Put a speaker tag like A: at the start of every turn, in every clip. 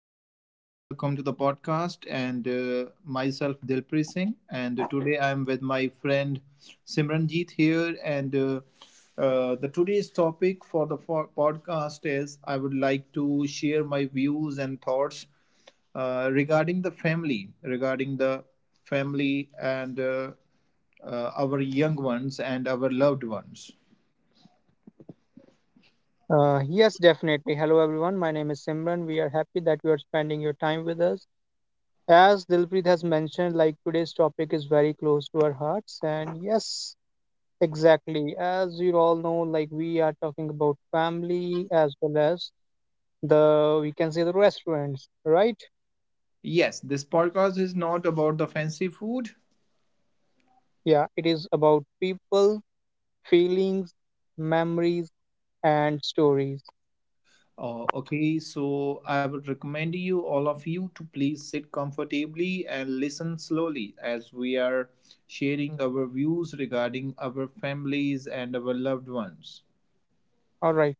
A: Hello, everyone. Welcome to the podcast. And Myself, Dilpreet Singh. And Today I'm with my friend Simranjeet here. And the Today's topic for the podcast is I would like to share my views and thoughts regarding the family and our young ones and our loved ones.
B: Yes, definitely. Hello, everyone. My name is Simran. We are happy that you are spending your time with us. As Dilpreet has mentioned, like today's topic is very close to our hearts. And yes, exactly. As you all know, like we are talking about family as well as the, we can say the restaurants, right?
A: Yes, this podcast is not about the fancy food.
B: Yeah, it is about people, feelings, memories, and stories.
A: Okay, so I would recommend you, all of you, to please sit comfortably and listen slowly as we are sharing our views regarding our families and our loved ones.
B: All right.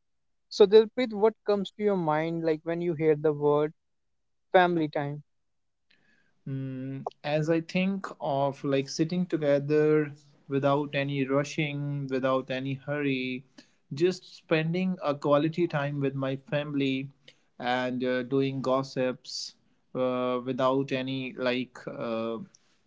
B: So, Dilpreet, what comes to your mind like when you hear the word family time?
A: Mm, as I think of like sitting together without any rushing, without any hurry, just spending a quality time with my family and doing gossips without any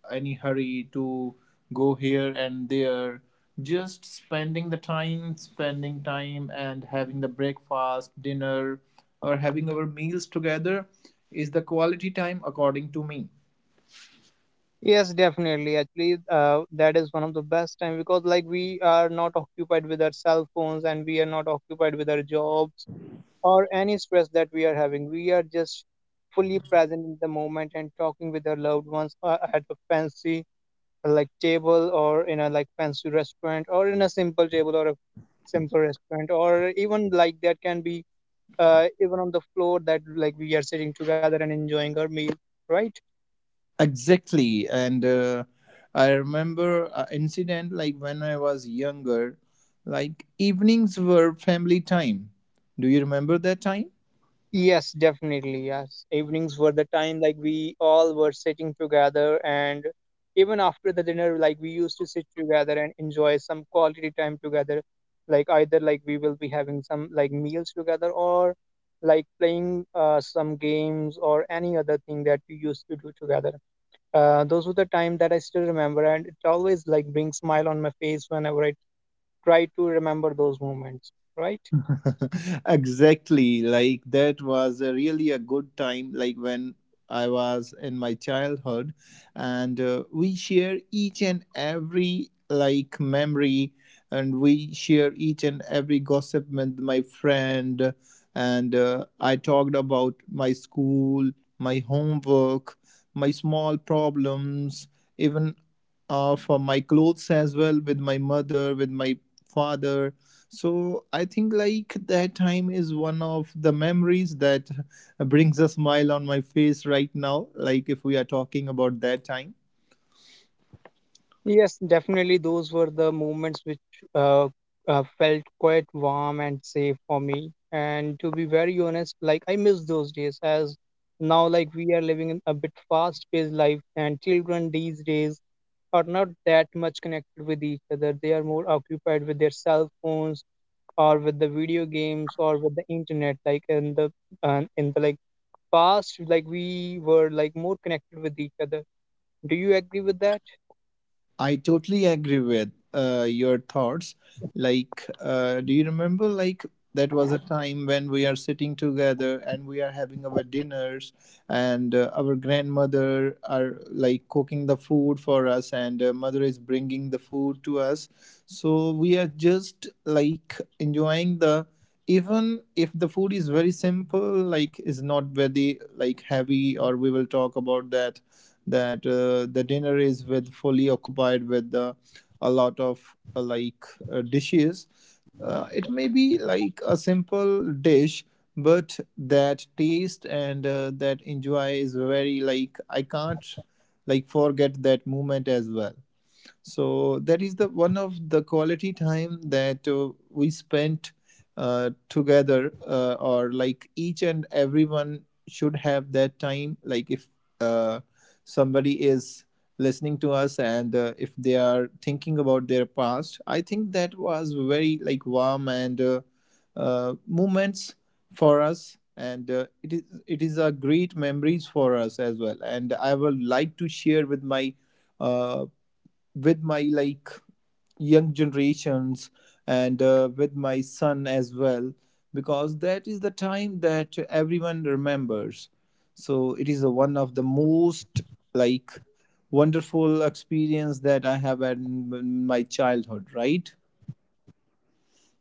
A: any hurry to go here and there. Just spending the time, spending time and having the breakfast, dinner, or having our meals together is the quality time according to me.
B: Yes, definitely. Actually, that is one of the best time because like we are not occupied with our cell phones and we are not occupied with our jobs or any stress that we are having. We are just fully present in the moment and talking with our loved ones at a fancy like table or in a like fancy restaurant or in a simple table or a simple restaurant or even like that can be even on the floor that like we are sitting together and enjoying our meal, right?
A: Exactly. And I remember an incident like when I was younger, like evenings were family time. Do you remember that time?
B: Yes, definitely. Yes. Evenings were the time like we all were sitting together and even after the dinner like we used to sit together and enjoy some quality time together. Like either like we will be having some like meals together or like playing some games or any other thing that we used to do together. Those were the time that I still remember and it always like brings smile on my face whenever I try to remember those moments, right?
A: Exactly, like that was a really a good time like when I was in my childhood and we share each and every like memory and we share each and every gossip with my friend and I talked about my school, my homework, my small problems, even for my clothes as well with my mother, with my father. So I think like that time is one of the memories that brings a smile on my face right now. Like if we are talking about that time.
B: Yes, definitely. Those were the moments which uh, felt quite warm and safe for me. And to be very honest, like I miss those days as now, like we are living in a bit fast-paced life, and children these days are not that much connected with each other. They are more occupied with their cell phones or with the video games or with the internet. Like in the like past, like we were like more connected with each other. Do you agree with that?
A: I totally agree with your thoughts. Like, do you remember, like, that was a time when we are sitting together and we are having our dinners, and our grandmother are like cooking the food for us, and mother is bringing the food to us. So we are just like enjoying the, even if the food is very simple like is not very like heavy, or we will talk about that that the dinner is with fully occupied with a lot of dishes. It may be like a simple dish, but that taste and that enjoy is very like I can't like forget that moment as well. So that is the one of the quality time that we spent together, or like each and everyone should have that time. Like if uh, somebody is listening to us and if they are thinking about their past, I think that was very like warm and moments for us and it is a great memories for us as well, and I would like to share uh, with my like young generations and with my son as well because that is the time that everyone remembers. So it is a, one of the most like wonderful experience that I have had in my childhood, right?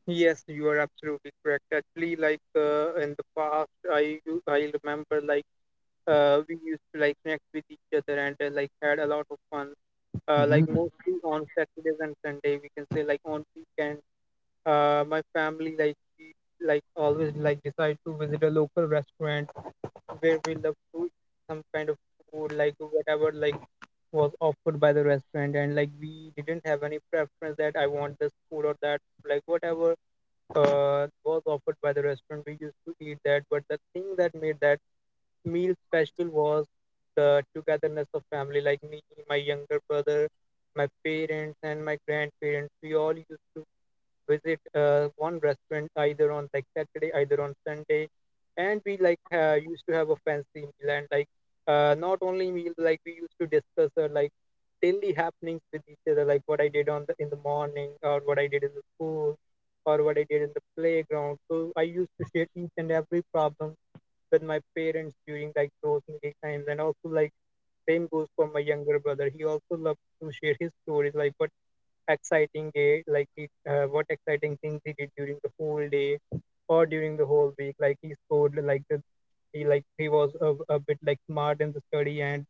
B: Yes, you are absolutely correct. Actually, like in the past, I remember like we used to like connect with each other and like had a lot of fun. Like
A: Mhm.
B: mostly on Saturdays and Sunday, we can say like on weekend. My family like we like always like decide to visit a local restaurant where we love to eat some kind of food like whatever like was offered by the restaurant and like we didn't have any preference that I want this food or that like whatever was offered by the restaurant. We used to eat that, but the thing that made that meal special was the togetherness of family, like me, my younger brother, my parents, and my grandparents. We all used to visit one restaurant either on like Saturday, either on Sunday, and we like used to have a fancy meal and like not only meal like we used to discuss like daily happenings with each other, like what I did on the in the morning or what I did in the school or what I did in the playground. So I used to share each and every problem with my parents during like those many times, and also like same goes for my younger brother. He also loved to share his stories, like what exciting day, like he, what exciting things he did during the whole day or during the whole week. Like he scored like the, he like he was a bit like smart in the study and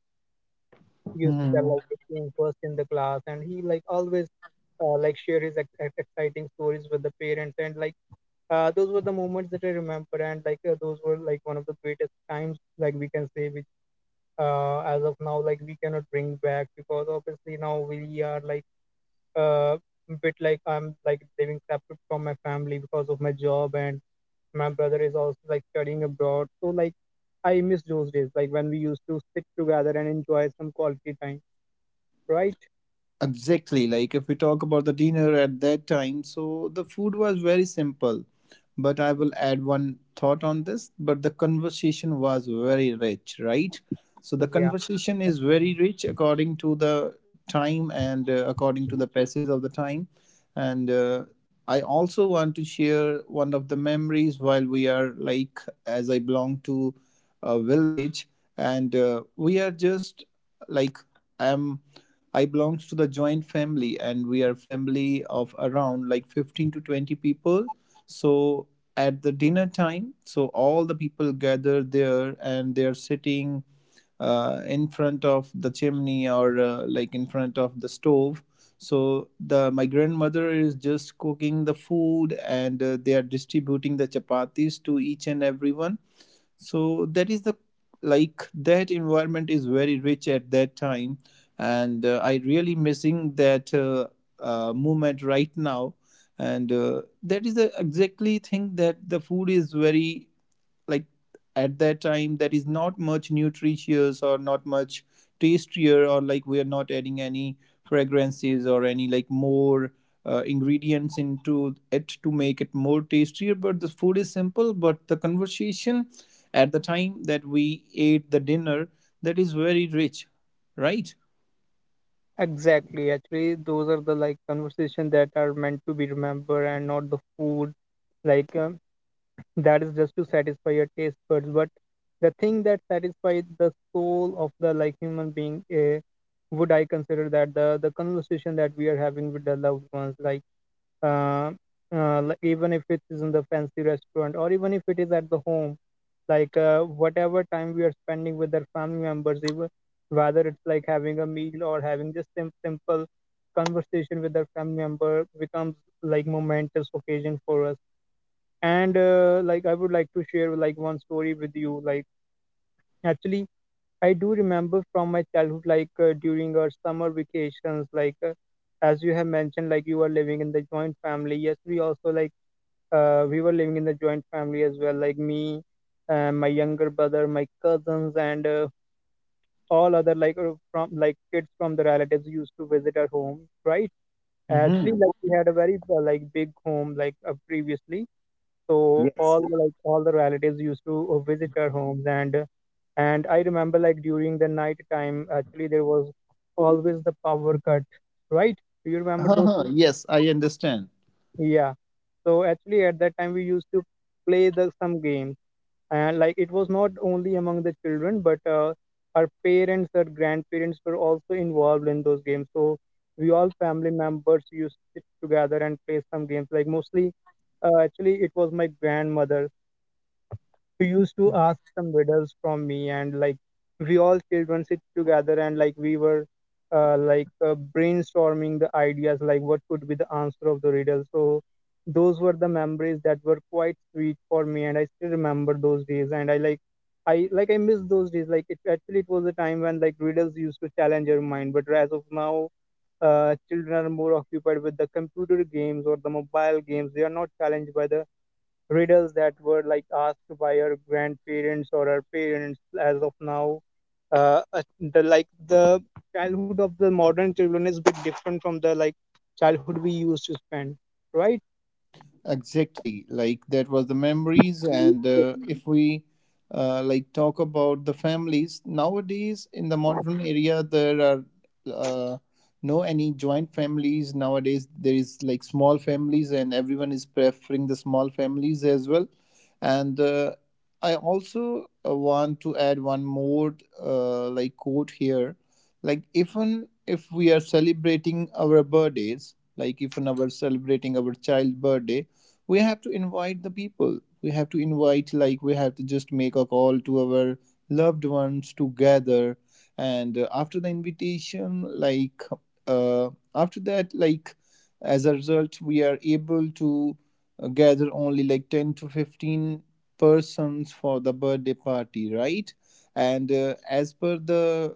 B: he used to tell
A: Mhm.
B: like the team first in the class, and he like always like share his exciting stories with the parents and like those were the moments that I remember, and like those were like one of the greatest times, like we can say, which as of now, like we cannot bring back because obviously now we are like uh, bit like I'm like living separate from my family because of my job, and my brother is also like studying abroad. So like I miss those days, like when we used to sit together and enjoy some quality time, right?
A: Exactly, like if we talk about the dinner at that time, so the food was very simple. But I will add one thought on this. But the conversation was very rich, right? So the
B: Yeah,
A: conversation is very rich according to the time and according to the passage of the time. And I also want to share one of the memories while we are like, as I belong to a village, and we are just like, I'm I belongs to the joint family, and we are family of around like 15 to 20 people. So at the dinner time, so all the people gather there and they're sitting in front of the chimney or like in front of the stove. So the my grandmother is just cooking the food and they are distributing the chapatis to each and everyone. So that is the like that environment is very rich at that time and I really missing that movement right now and that is the exactly thing that the food is very like at that time that is not much nutritious or not much tastier, or like we are not adding any fragrances or any like more ingredients into it to make it more tastier, but the food is simple but the conversation at the time that we ate the dinner, that is very rich, right?
B: exactly. Actually, those are the like conversation that are meant to be remembered and not the food. Like that is just to satisfy your taste buds but the thing that satisfies the soul of the like human being would I consider that the conversation that we are having with the loved ones uh, like even if it is in the fancy restaurant or even if it is at the home like whatever time we are spending with our family members even whether it's like having a meal or having just simple conversation with our family member becomes like momentous occasion for us and like I would like to share like one story with you like actually I do remember from my childhood like during our summer vacations like as you have mentioned like you were living in the joint family yes we also like we were living in the joint family as well like me my younger brother my cousins and all other like from like kids from the relatives used to visit our home right actually
A: Mm-hmm.
B: like we had a very like big home like previously so
A: Yes.
B: all the like all the relatives used to visit our homes, and I remember like during the night time, actually there was always the power cut, right? Do you remember those things?
A: Yes, I understand.
B: Yeah. So actually at that time we used to play the some games, and like it was not only among the children, but our parents, our grandparents were also involved in those games. So we all family members used to sit together and play some games. Like mostly, actually it was my grandmother he used to ask some riddles from me, and like we all children sit together and like we were brainstorming the ideas, like what could be the answer of the riddle. So those were the memories that were quite sweet for me, and I still remember those days. And I I miss those days. Like it actually it was a time when like riddles used to challenge your mind, but as of now, children are more occupied with the computer games or the mobile games. They are not challenged by the riddles that were like asked by our grandparents or our parents as of now the like the childhood of the modern children is a bit different from the like childhood we used to spend right.
A: Exactly. Like that was the memories. And If we like talk about the families nowadays in the modern area, there are uh, no any joint families. Nowadays, there is like small families, and everyone is preferring the small families as well. And I also want to add one more like quote here. Like even if we are celebrating our birthdays, like even our celebrating our child birthday, we have to invite the people, we have to invite like we have to just make a call to our loved ones to gather and after the invitation like uh, after that like as a result we are able to gather only like 10 to 15 persons for the birthday party, right? And as per the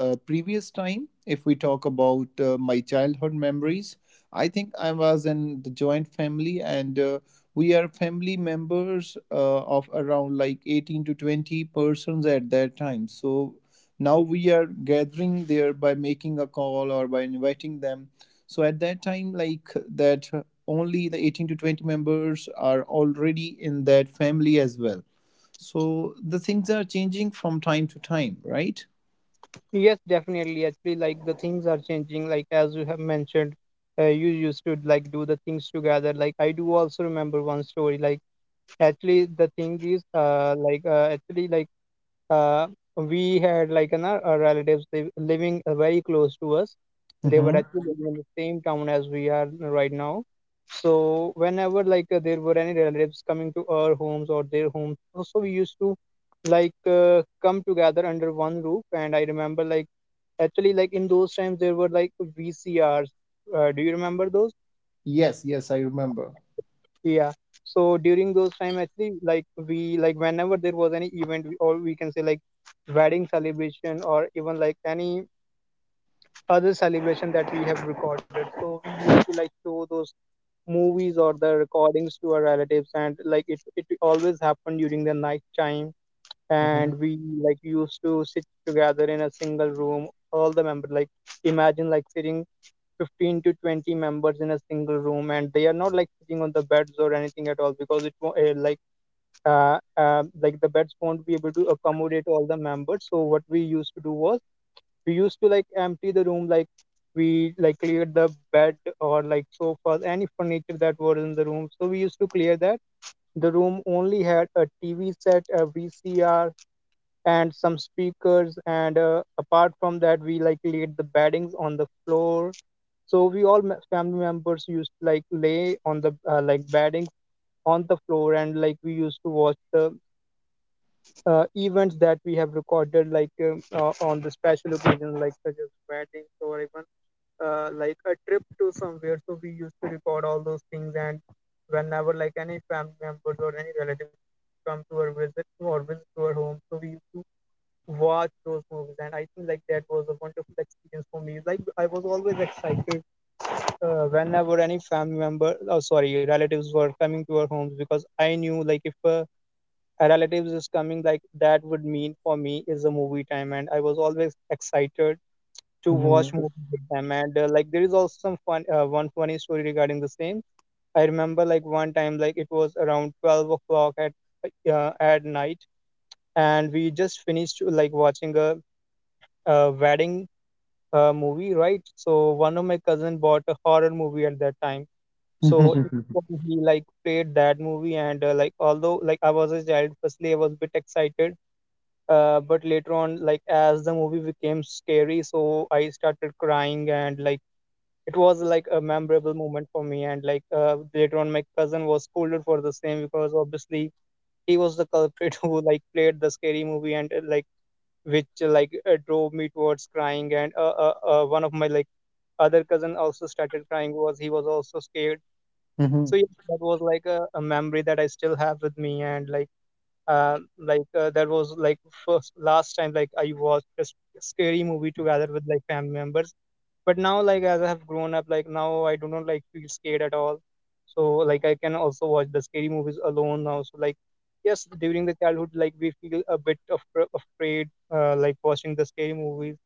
A: previous time if we talk about my childhood memories, I think I was in the joint family, and we are family members of around like 18 to 20 persons at that time. So now we are gathering there by making a call or by inviting them. So at that time, like that, only the 18 to 20 members are already in that family as well. So the things are changing from time to time, right?
B: Yes, definitely. Actually, like the things are changing. Like as you have mentioned, you used to like do the things together. Like I do also remember one story. Like actually, the thing is, actually, like uh, we had like an, our relatives living very close to us. They were
A: Mm-hmm.
B: actually living in the same town as we are right now. So whenever like there were any relatives coming to our homes or their homes, so we used to like come together under one roof. And I remember like actually like in those times there were like VCRs. Do you remember those?
A: Yes, yes, I remember.
B: Yeah. So during those time, actually, like we like whenever there was any event, or we can say like wedding celebration or even like any other celebration that we have recorded. So we used to like show those movies or the recordings to our relatives, and like it always happened during the night time.
A: Mm-hmm.
B: And we like used to sit together in a single room, all the members. Like imagine like sitting 15 to 20 members in a single room and they are not like sitting on the beds or anything at all because it won't like the beds won't be able to accommodate all the members so what we used to do was we used to like empty the room like we like cleared the bed or like sofas any furniture that was in the room so we used to clear that the room only had a tv set a vcr and some speakers and apart from that we like laid the beddings on the floor so we all family members used to like lay on the like bedding on the floor, and like we used to watch the events that we have recorded, like on the special occasions, like such as weddings or even like a trip to somewhere. So we used to record all those things, and whenever like any family members or any relatives come to our visit or visit to our home, so we used to watch those movies, and I think like that was a wonderful experience for me. Like I was always excited whenever any family member oh sorry relatives were coming to our homes because I knew like if a relatives is coming like that would mean for me is a movie time and I was always excited to watch movies with them and like there is also some fun one funny story regarding the same. I remember like one time like it was around 12 o'clock at night and we just finished like watching a wedding movie, right? So one of my cousin bought a horror movie at that time. So
A: Mm-hmm.
B: next he like played that movie and like although like I was a child, firstly I was a bit excited, but later on like as the movie became scary, so I started crying and like it was like a memorable moment for me. And like later on, my cousin was scolded for the same because obviously he was the culprit who like played the scary movie and like which like drove me towards crying. And one of my like other cousin also started crying was he was also scared. So yeah, that was like a memory that I still have with me, and like that was like first last time like I watched scary movie together with like family members. But now like as I have grown up, like now I do not like feel scared at all. So like I can also watch the scary movies alone now. So like yes, during the childhood like we feel a bit of afraid like watching the scary movies.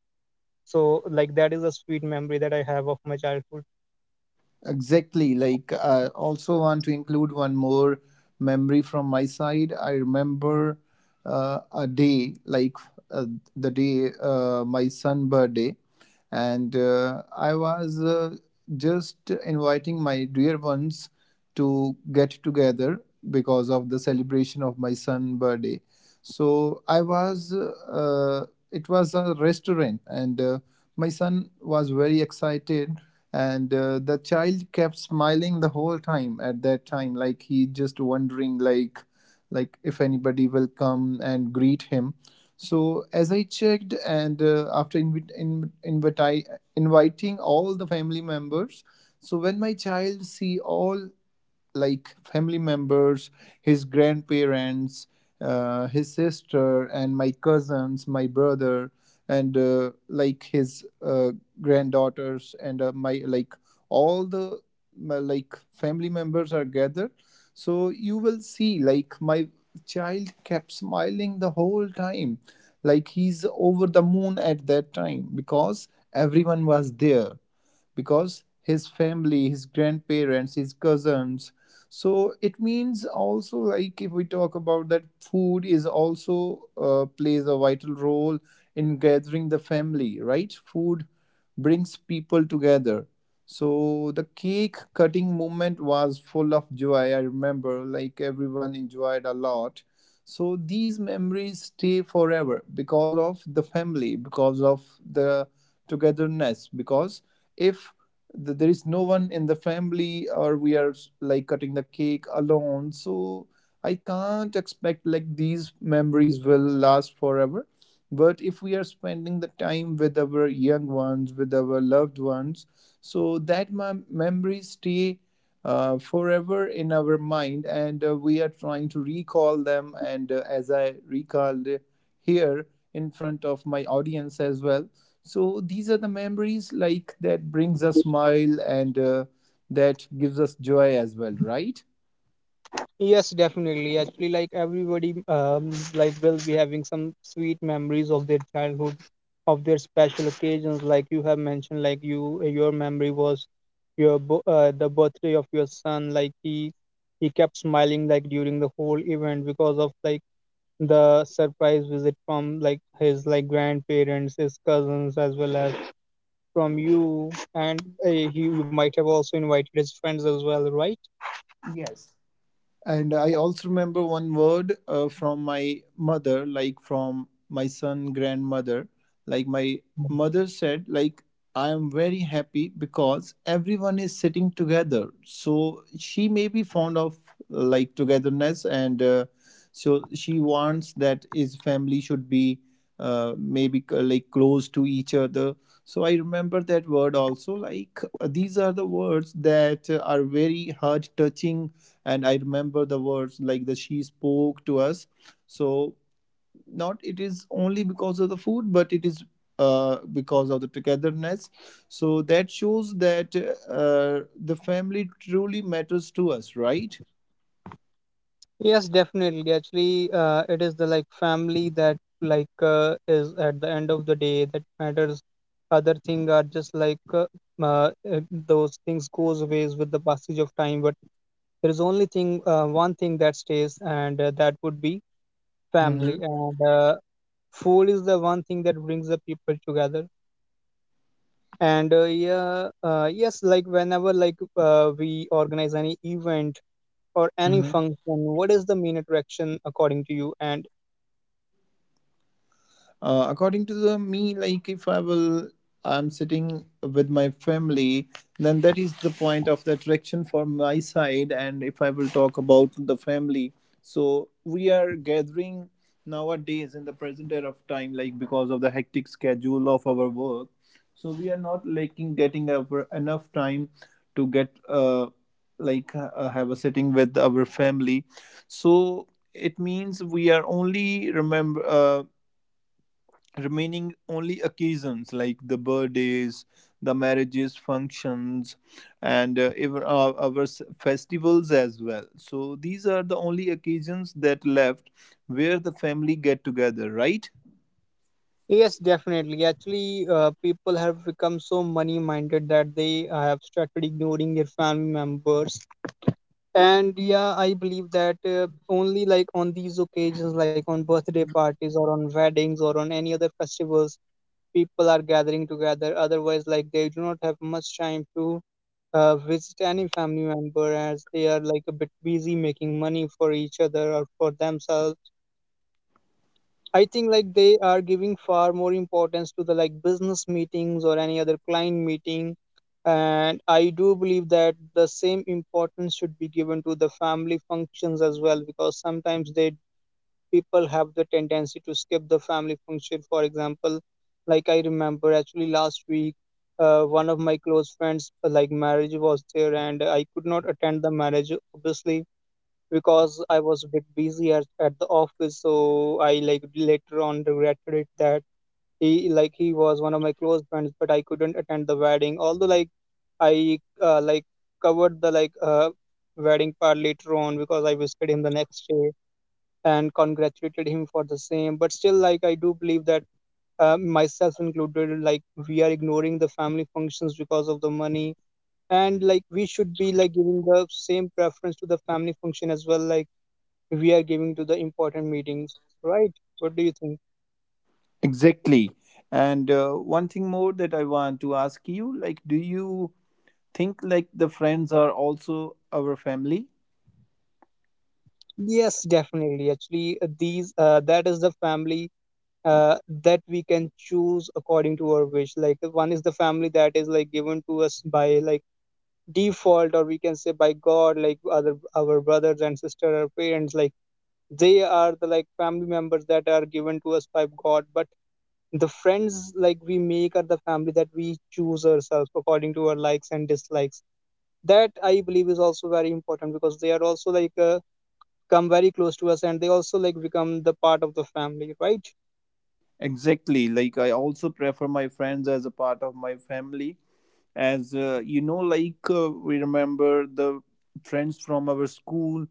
B: So like that is a sweet memory that I have of my childhood.
A: Exactly. Like, I also want to include one more memory from my side. I remember a day, like uh, the day my son birthday, and I was just inviting my dear ones to get together because of the celebration of my son birthday. So I was. It was a restaurant, and my son was very excited and the child kept smiling the whole time at that time like he just wondering like if anybody will come and greet him. So as I checked and after invite, inviting all the family members, so when my child see all like family members, his grandparents, his sister, and my cousins, my brother, and like his granddaughters, and my like all the my, like family members are gathered. So you will see, like my child kept smiling the whole time, like he's over the moon at that time because everyone was there, because his family, his grandparents, his cousins. So it means also like if we talk about that food is also plays a vital role in gathering the family, right? Food brings people together. So the cake cutting moment was full of joy. I remember like everyone enjoyed a lot. So these memories stay forever because of the family, because of the togetherness, because if there is no one in the family or we are like cutting the cake alone, so I can't expect like these memories will last forever. But if we are spending the time with our young ones, with our loved ones, so that my memories stay forever in our mind and we are trying to recall them and as I recalled here in front of my audience as well. So these are the memories like that brings a smile and that gives us joy as well, right?
B: Yes, definitely. Actually, like everybody, like will be having some sweet memories of their childhood, of their special occasions. Like you have mentioned, like you, your memory was your the birthday of your son. Like he kept smiling like during the whole event because of like the surprise visit from like his like grandparents, his cousins, as well as from you, and he, you might have also invited his friends as well, right?
A: Yes. And I also remember one word from my mother, like from my son grandmother. Like my mother said, like I am very happy because everyone is sitting together. So she may be fond of like togetherness, and so she wants that his family should be maybe like close to each other. So I remember that word also. Like these are the words that are very heart touching and I remember the words like the she spoke to us. So not it is only because of the food but it is because of the togetherness, so that shows that the family truly matters to us, right?
B: Yes, definitely. Actually, it is the like family that like is at the end of the day that matters. Other thing are just like uh, uh, those things goes away with the passage of time. But there is only thing, one thing that stays, and that would be
A: Hmm.
B: family. And food is the one thing that brings the people together. And yeah, yes, like whenever like we organize any event or any function, what is the main attraction according to you? And
A: According to the me, like if I will, I'm sitting with my family, then that is the point of the attraction for my side. And if I will talk about the family, so we are gathering nowadays in the present era of time, like because of the hectic schedule of our work, so we are not liking getting our enough time to get like have a sitting with our family. So it means we are only remember remaining only occasions like the birthdays, the marriages, functions, and even our festivals as well. So these are the only occasions that left where the family get together, right?
B: yes, definitely. Actually, people have become so money minded that they have started ignoring their family members. And yeah, I believe that only like on these occasions, like on birthday parties or on weddings or on any other festivals, people are gathering together. Otherwise, like they do not have much time to visit any family member as they are like a bit busy making money for each other or for themselves. I think like they are giving far more importance to the like business meetings or any other client meeting. And I do believe that the same importance should be given to the family functions as well because sometimes they people have the tendency to skip the family function. For example, like I remember actually last week, one of my close friends like marriage was there and I could not attend the marriage obviously because I was a bit busy at the office, so I like later on regretted it that he like he was one of my close friends, but I couldn't attend the wedding. Although like I like covered the like wedding part later on because I visited him the next day and congratulated him for the same. But still, like I do believe that myself included, like we are ignoring the family functions because of the money. And like we should be like giving the same preference to the family function as well, like we are giving to the important meetings, right? What do you think?
C: Exactly. And one thing more that I want to ask you, like, do you think like the friends are also our family?
B: Yes, definitely. Actually, these that is the family uh, that we can choose according to our wish. Like one is the family that is like given to us by like default, or we can say by God, like other our brothers and sister, our parents, like they are the like family members that are given to us by God. But the friends like we make are the family that we choose ourselves according to our likes and dislikes that I believe is also very important because they are also like come very close to us and they also like become the part of the family, right?
C: Exactly. Like, I also prefer my friends as a part of my family as we remember the friends from our school,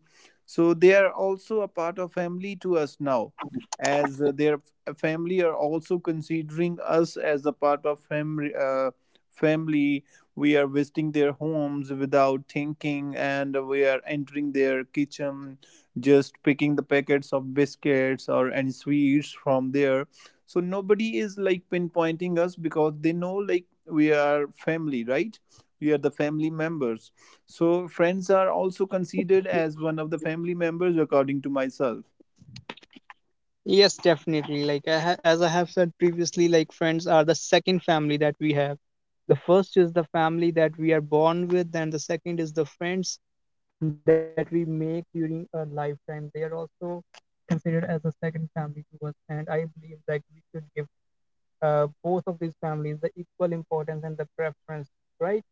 C: so they are also a part of family to us now as family are also considering us as a part of family. We are visiting their homes without thinking and we are entering their kitchen, just picking the packets of biscuits or any sweets from there. So nobody is like pinpointing us because they know like we are family, right? We are the family members. So friends are also considered as one of the family members according to myself.
B: Yes, definitely, like as I have said previously, like friends are the second family that we have. The first is the family that we are born with and the second is the friends that we make during our lifetime. They are also considered as the second family to us and I believe that we should give both of these families the equal importance and the preference, right?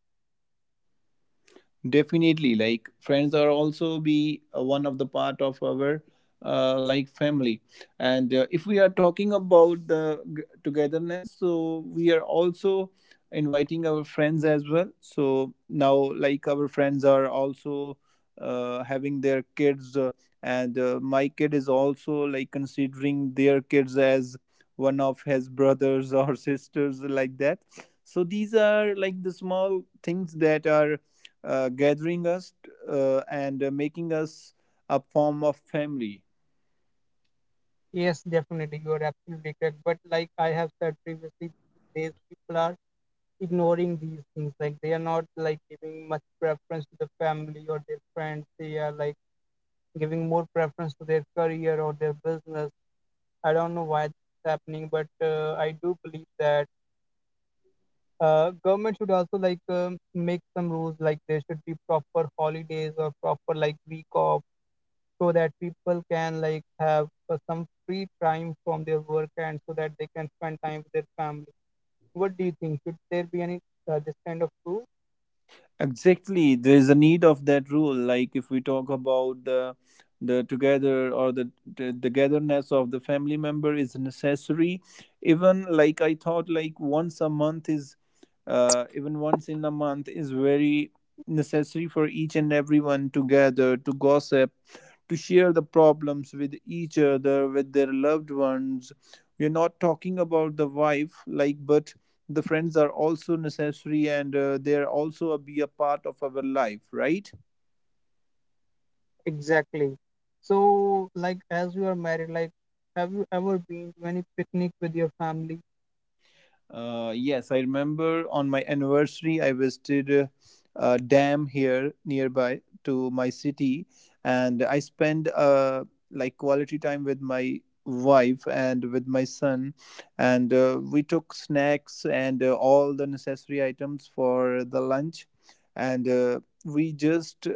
C: Definitely, like friends are also be one of the part of our like family. And if we are talking about the togetherness, so we are also inviting our friends as well. So now, like our friends are also having their kids, and my kid is also like considering their kids as one of his brothers or sisters like that. So these are like the small things that are gathering us, and making us a form of family.
B: Yes, definitely. You are absolutely correct. But like I have said previously, these people are ignoring these things. Like they are not like giving much preference to the family or their friends. They are like giving more preference to their career or their business. I don't know why this is happening, but I do believe that government should also like make some rules. Like there should be proper holidays or proper like week off so that people can like have some free time from their work and so that they can spend time with their family. What do you think, should there be any this kind of rule?
C: Exactly, there is a need of that rule. Like if we talk about the together or the togetherness of the family member is necessary. Even like I thought, like once a month is, even once in a month is very necessary for each and everyone to gather, to gossip, to share the problems with each other with their loved ones. We're not talking about the wife, like but the friends are also necessary and they're also be a part of our life, right?
B: Exactly. So like as you are married like have you ever been to any picnic with your family?
C: Yes, I remember on my anniversary I visited a dam here nearby to my city and I spent like quality time with my wife and with my son, and we took snacks and all the necessary items for the lunch, and we just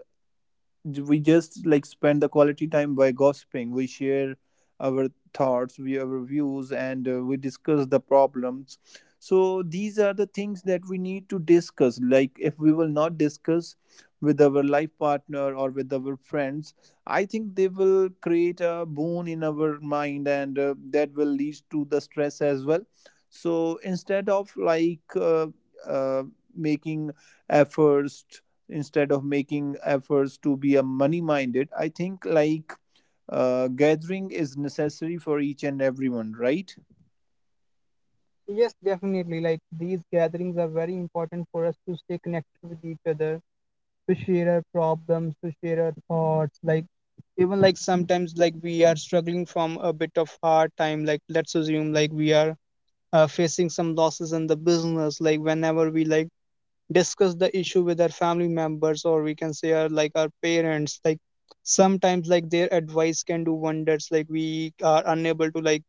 C: we just like spend the quality time by gossiping. We share our thoughts, we our views, and we discuss the problems. So these are the things that we need to discuss. Like if we will not discuss with our life partner or with our friends, I think they will create a boon in our mind, and that will lead to the stress as well. So instead of uh, making efforts, instead of making efforts to be a money minded, I think like gathering is necessary for each and everyone, right?
B: Yes, definitely, like these gatherings are very important for us to stay connected with each other, to share our problems, to share our thoughts, like even like sometimes like we are struggling from a bit of hard time, like let's assume like we are facing some losses in the business, like whenever we like discuss the issue with our family members or we can say our like our parents, like sometimes like their advice can do wonders, like we are unable to like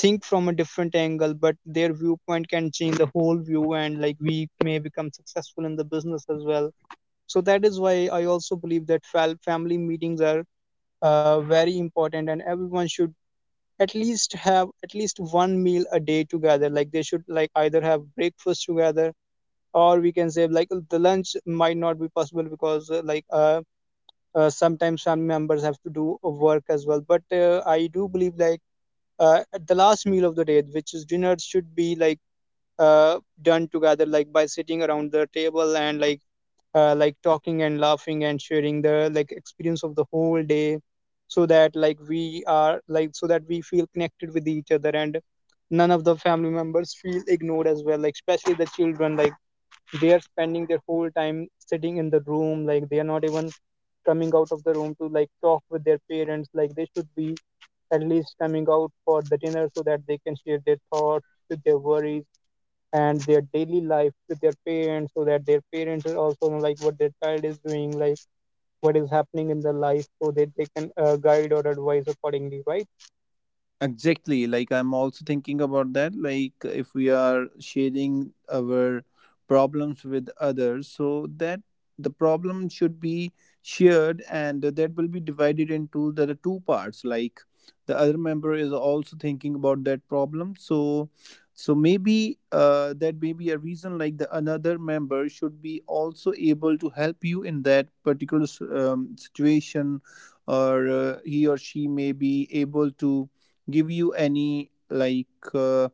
B: think from a different angle but their viewpoint can change the whole view and like we may become successful in the business as well. So that is why I also believe that family meetings are very important and everyone should at least have at least one meal a day together, like they should like either have breakfast together or we can say like the lunch might not be possible because sometimes family members have to do work as well, but I do believe like at the last meal of the day which is dinner should be like done together, like by sitting around the table and like talking and laughing and sharing the like experience of the whole day so that like we are like so that we feel connected with each other and none of the family members feel ignored as well, like especially the children, like they are spending their whole time sitting in the room, like they are not even coming out of the room to like talk with their parents, like they should be at least coming out for the dinner so that they can share their thoughts with their worries and their daily life with their parents so that their parents are also know like what their child is doing, like what is happening in their life so that they can guide or advise accordingly, right?
C: Exactly. Like I'm also thinking about that. Like if we are sharing our problems with others, so that the problem should be shared and that will be divided into the two parts. Like the other member is also thinking about that problem. So maybe that may be a reason like the another member should be also able to help you in that particular situation, or he or she may be able to give you any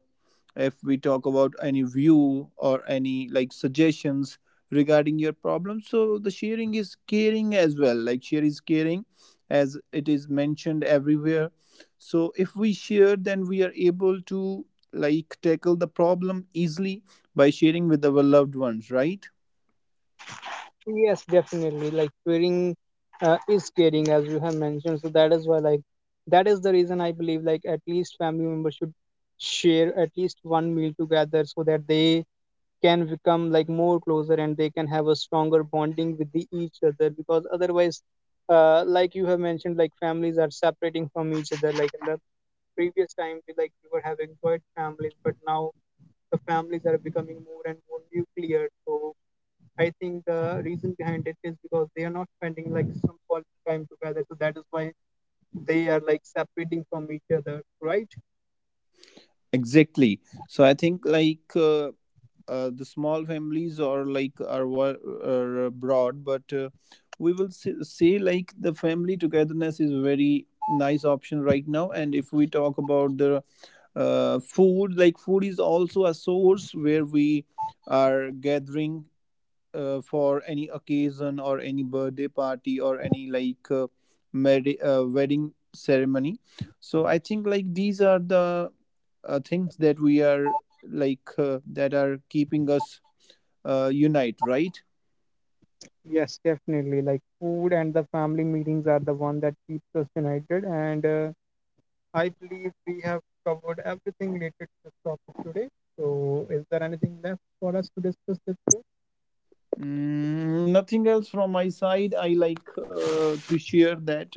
C: if we talk about any view or any like suggestions regarding your problem. So the sharing is caring as well, like share is caring as it is mentioned everywhere. So if we share, then we are able to like tackle the problem easily by sharing with our loved ones, right?
B: Yes, definitely, like caring is caring as you have mentioned, so that is why like that is the reason I believe like at least family members should share at least one meal together so that they can become like more closer and they can have a stronger bonding with each other because otherwise like you have mentioned like families are separating from each other like in the previous time we like we were having joint families but now the families are becoming more and more nuclear. So I think the reason behind it is because they are not spending like some quality time together, so that is why they are like separating from each other, right?
C: Exactly. So I think the small families are are abroad, but we will say like the family togetherness is very nice option right now. And if we talk about the food, like food is also a source where we are gathering for any occasion or any birthday party or any wedding ceremony. So I think like these are the things that we are that are keeping us unite, right?
B: Yes, definitely, like food and the family meetings are the one that keeps us united and I believe we have covered everything related to this topic today. So, is there anything left for us to discuss this? Today?
C: Mm, nothing else from my side. I like to share that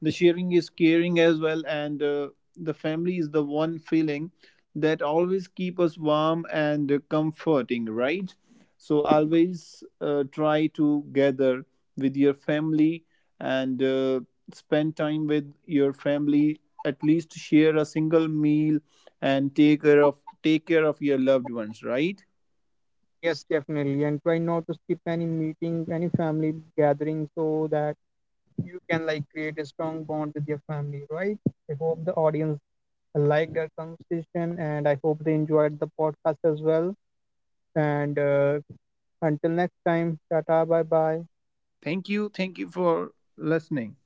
C: the sharing is caring as well, and the family is the one feeling that always keep us warm and comforting, right? So always try to gather with your family, and spend time with your family. At least share a single meal and take care of your loved ones, right?
B: Yes, definitely. And try not to skip any meeting, any family gathering, so that you can like create a strong bond with your family, right? I hope the audience liked our conversation, and I hope they enjoyed the podcast as well. And until next time, tata, bye bye.
C: Thank you. Thank you for listening.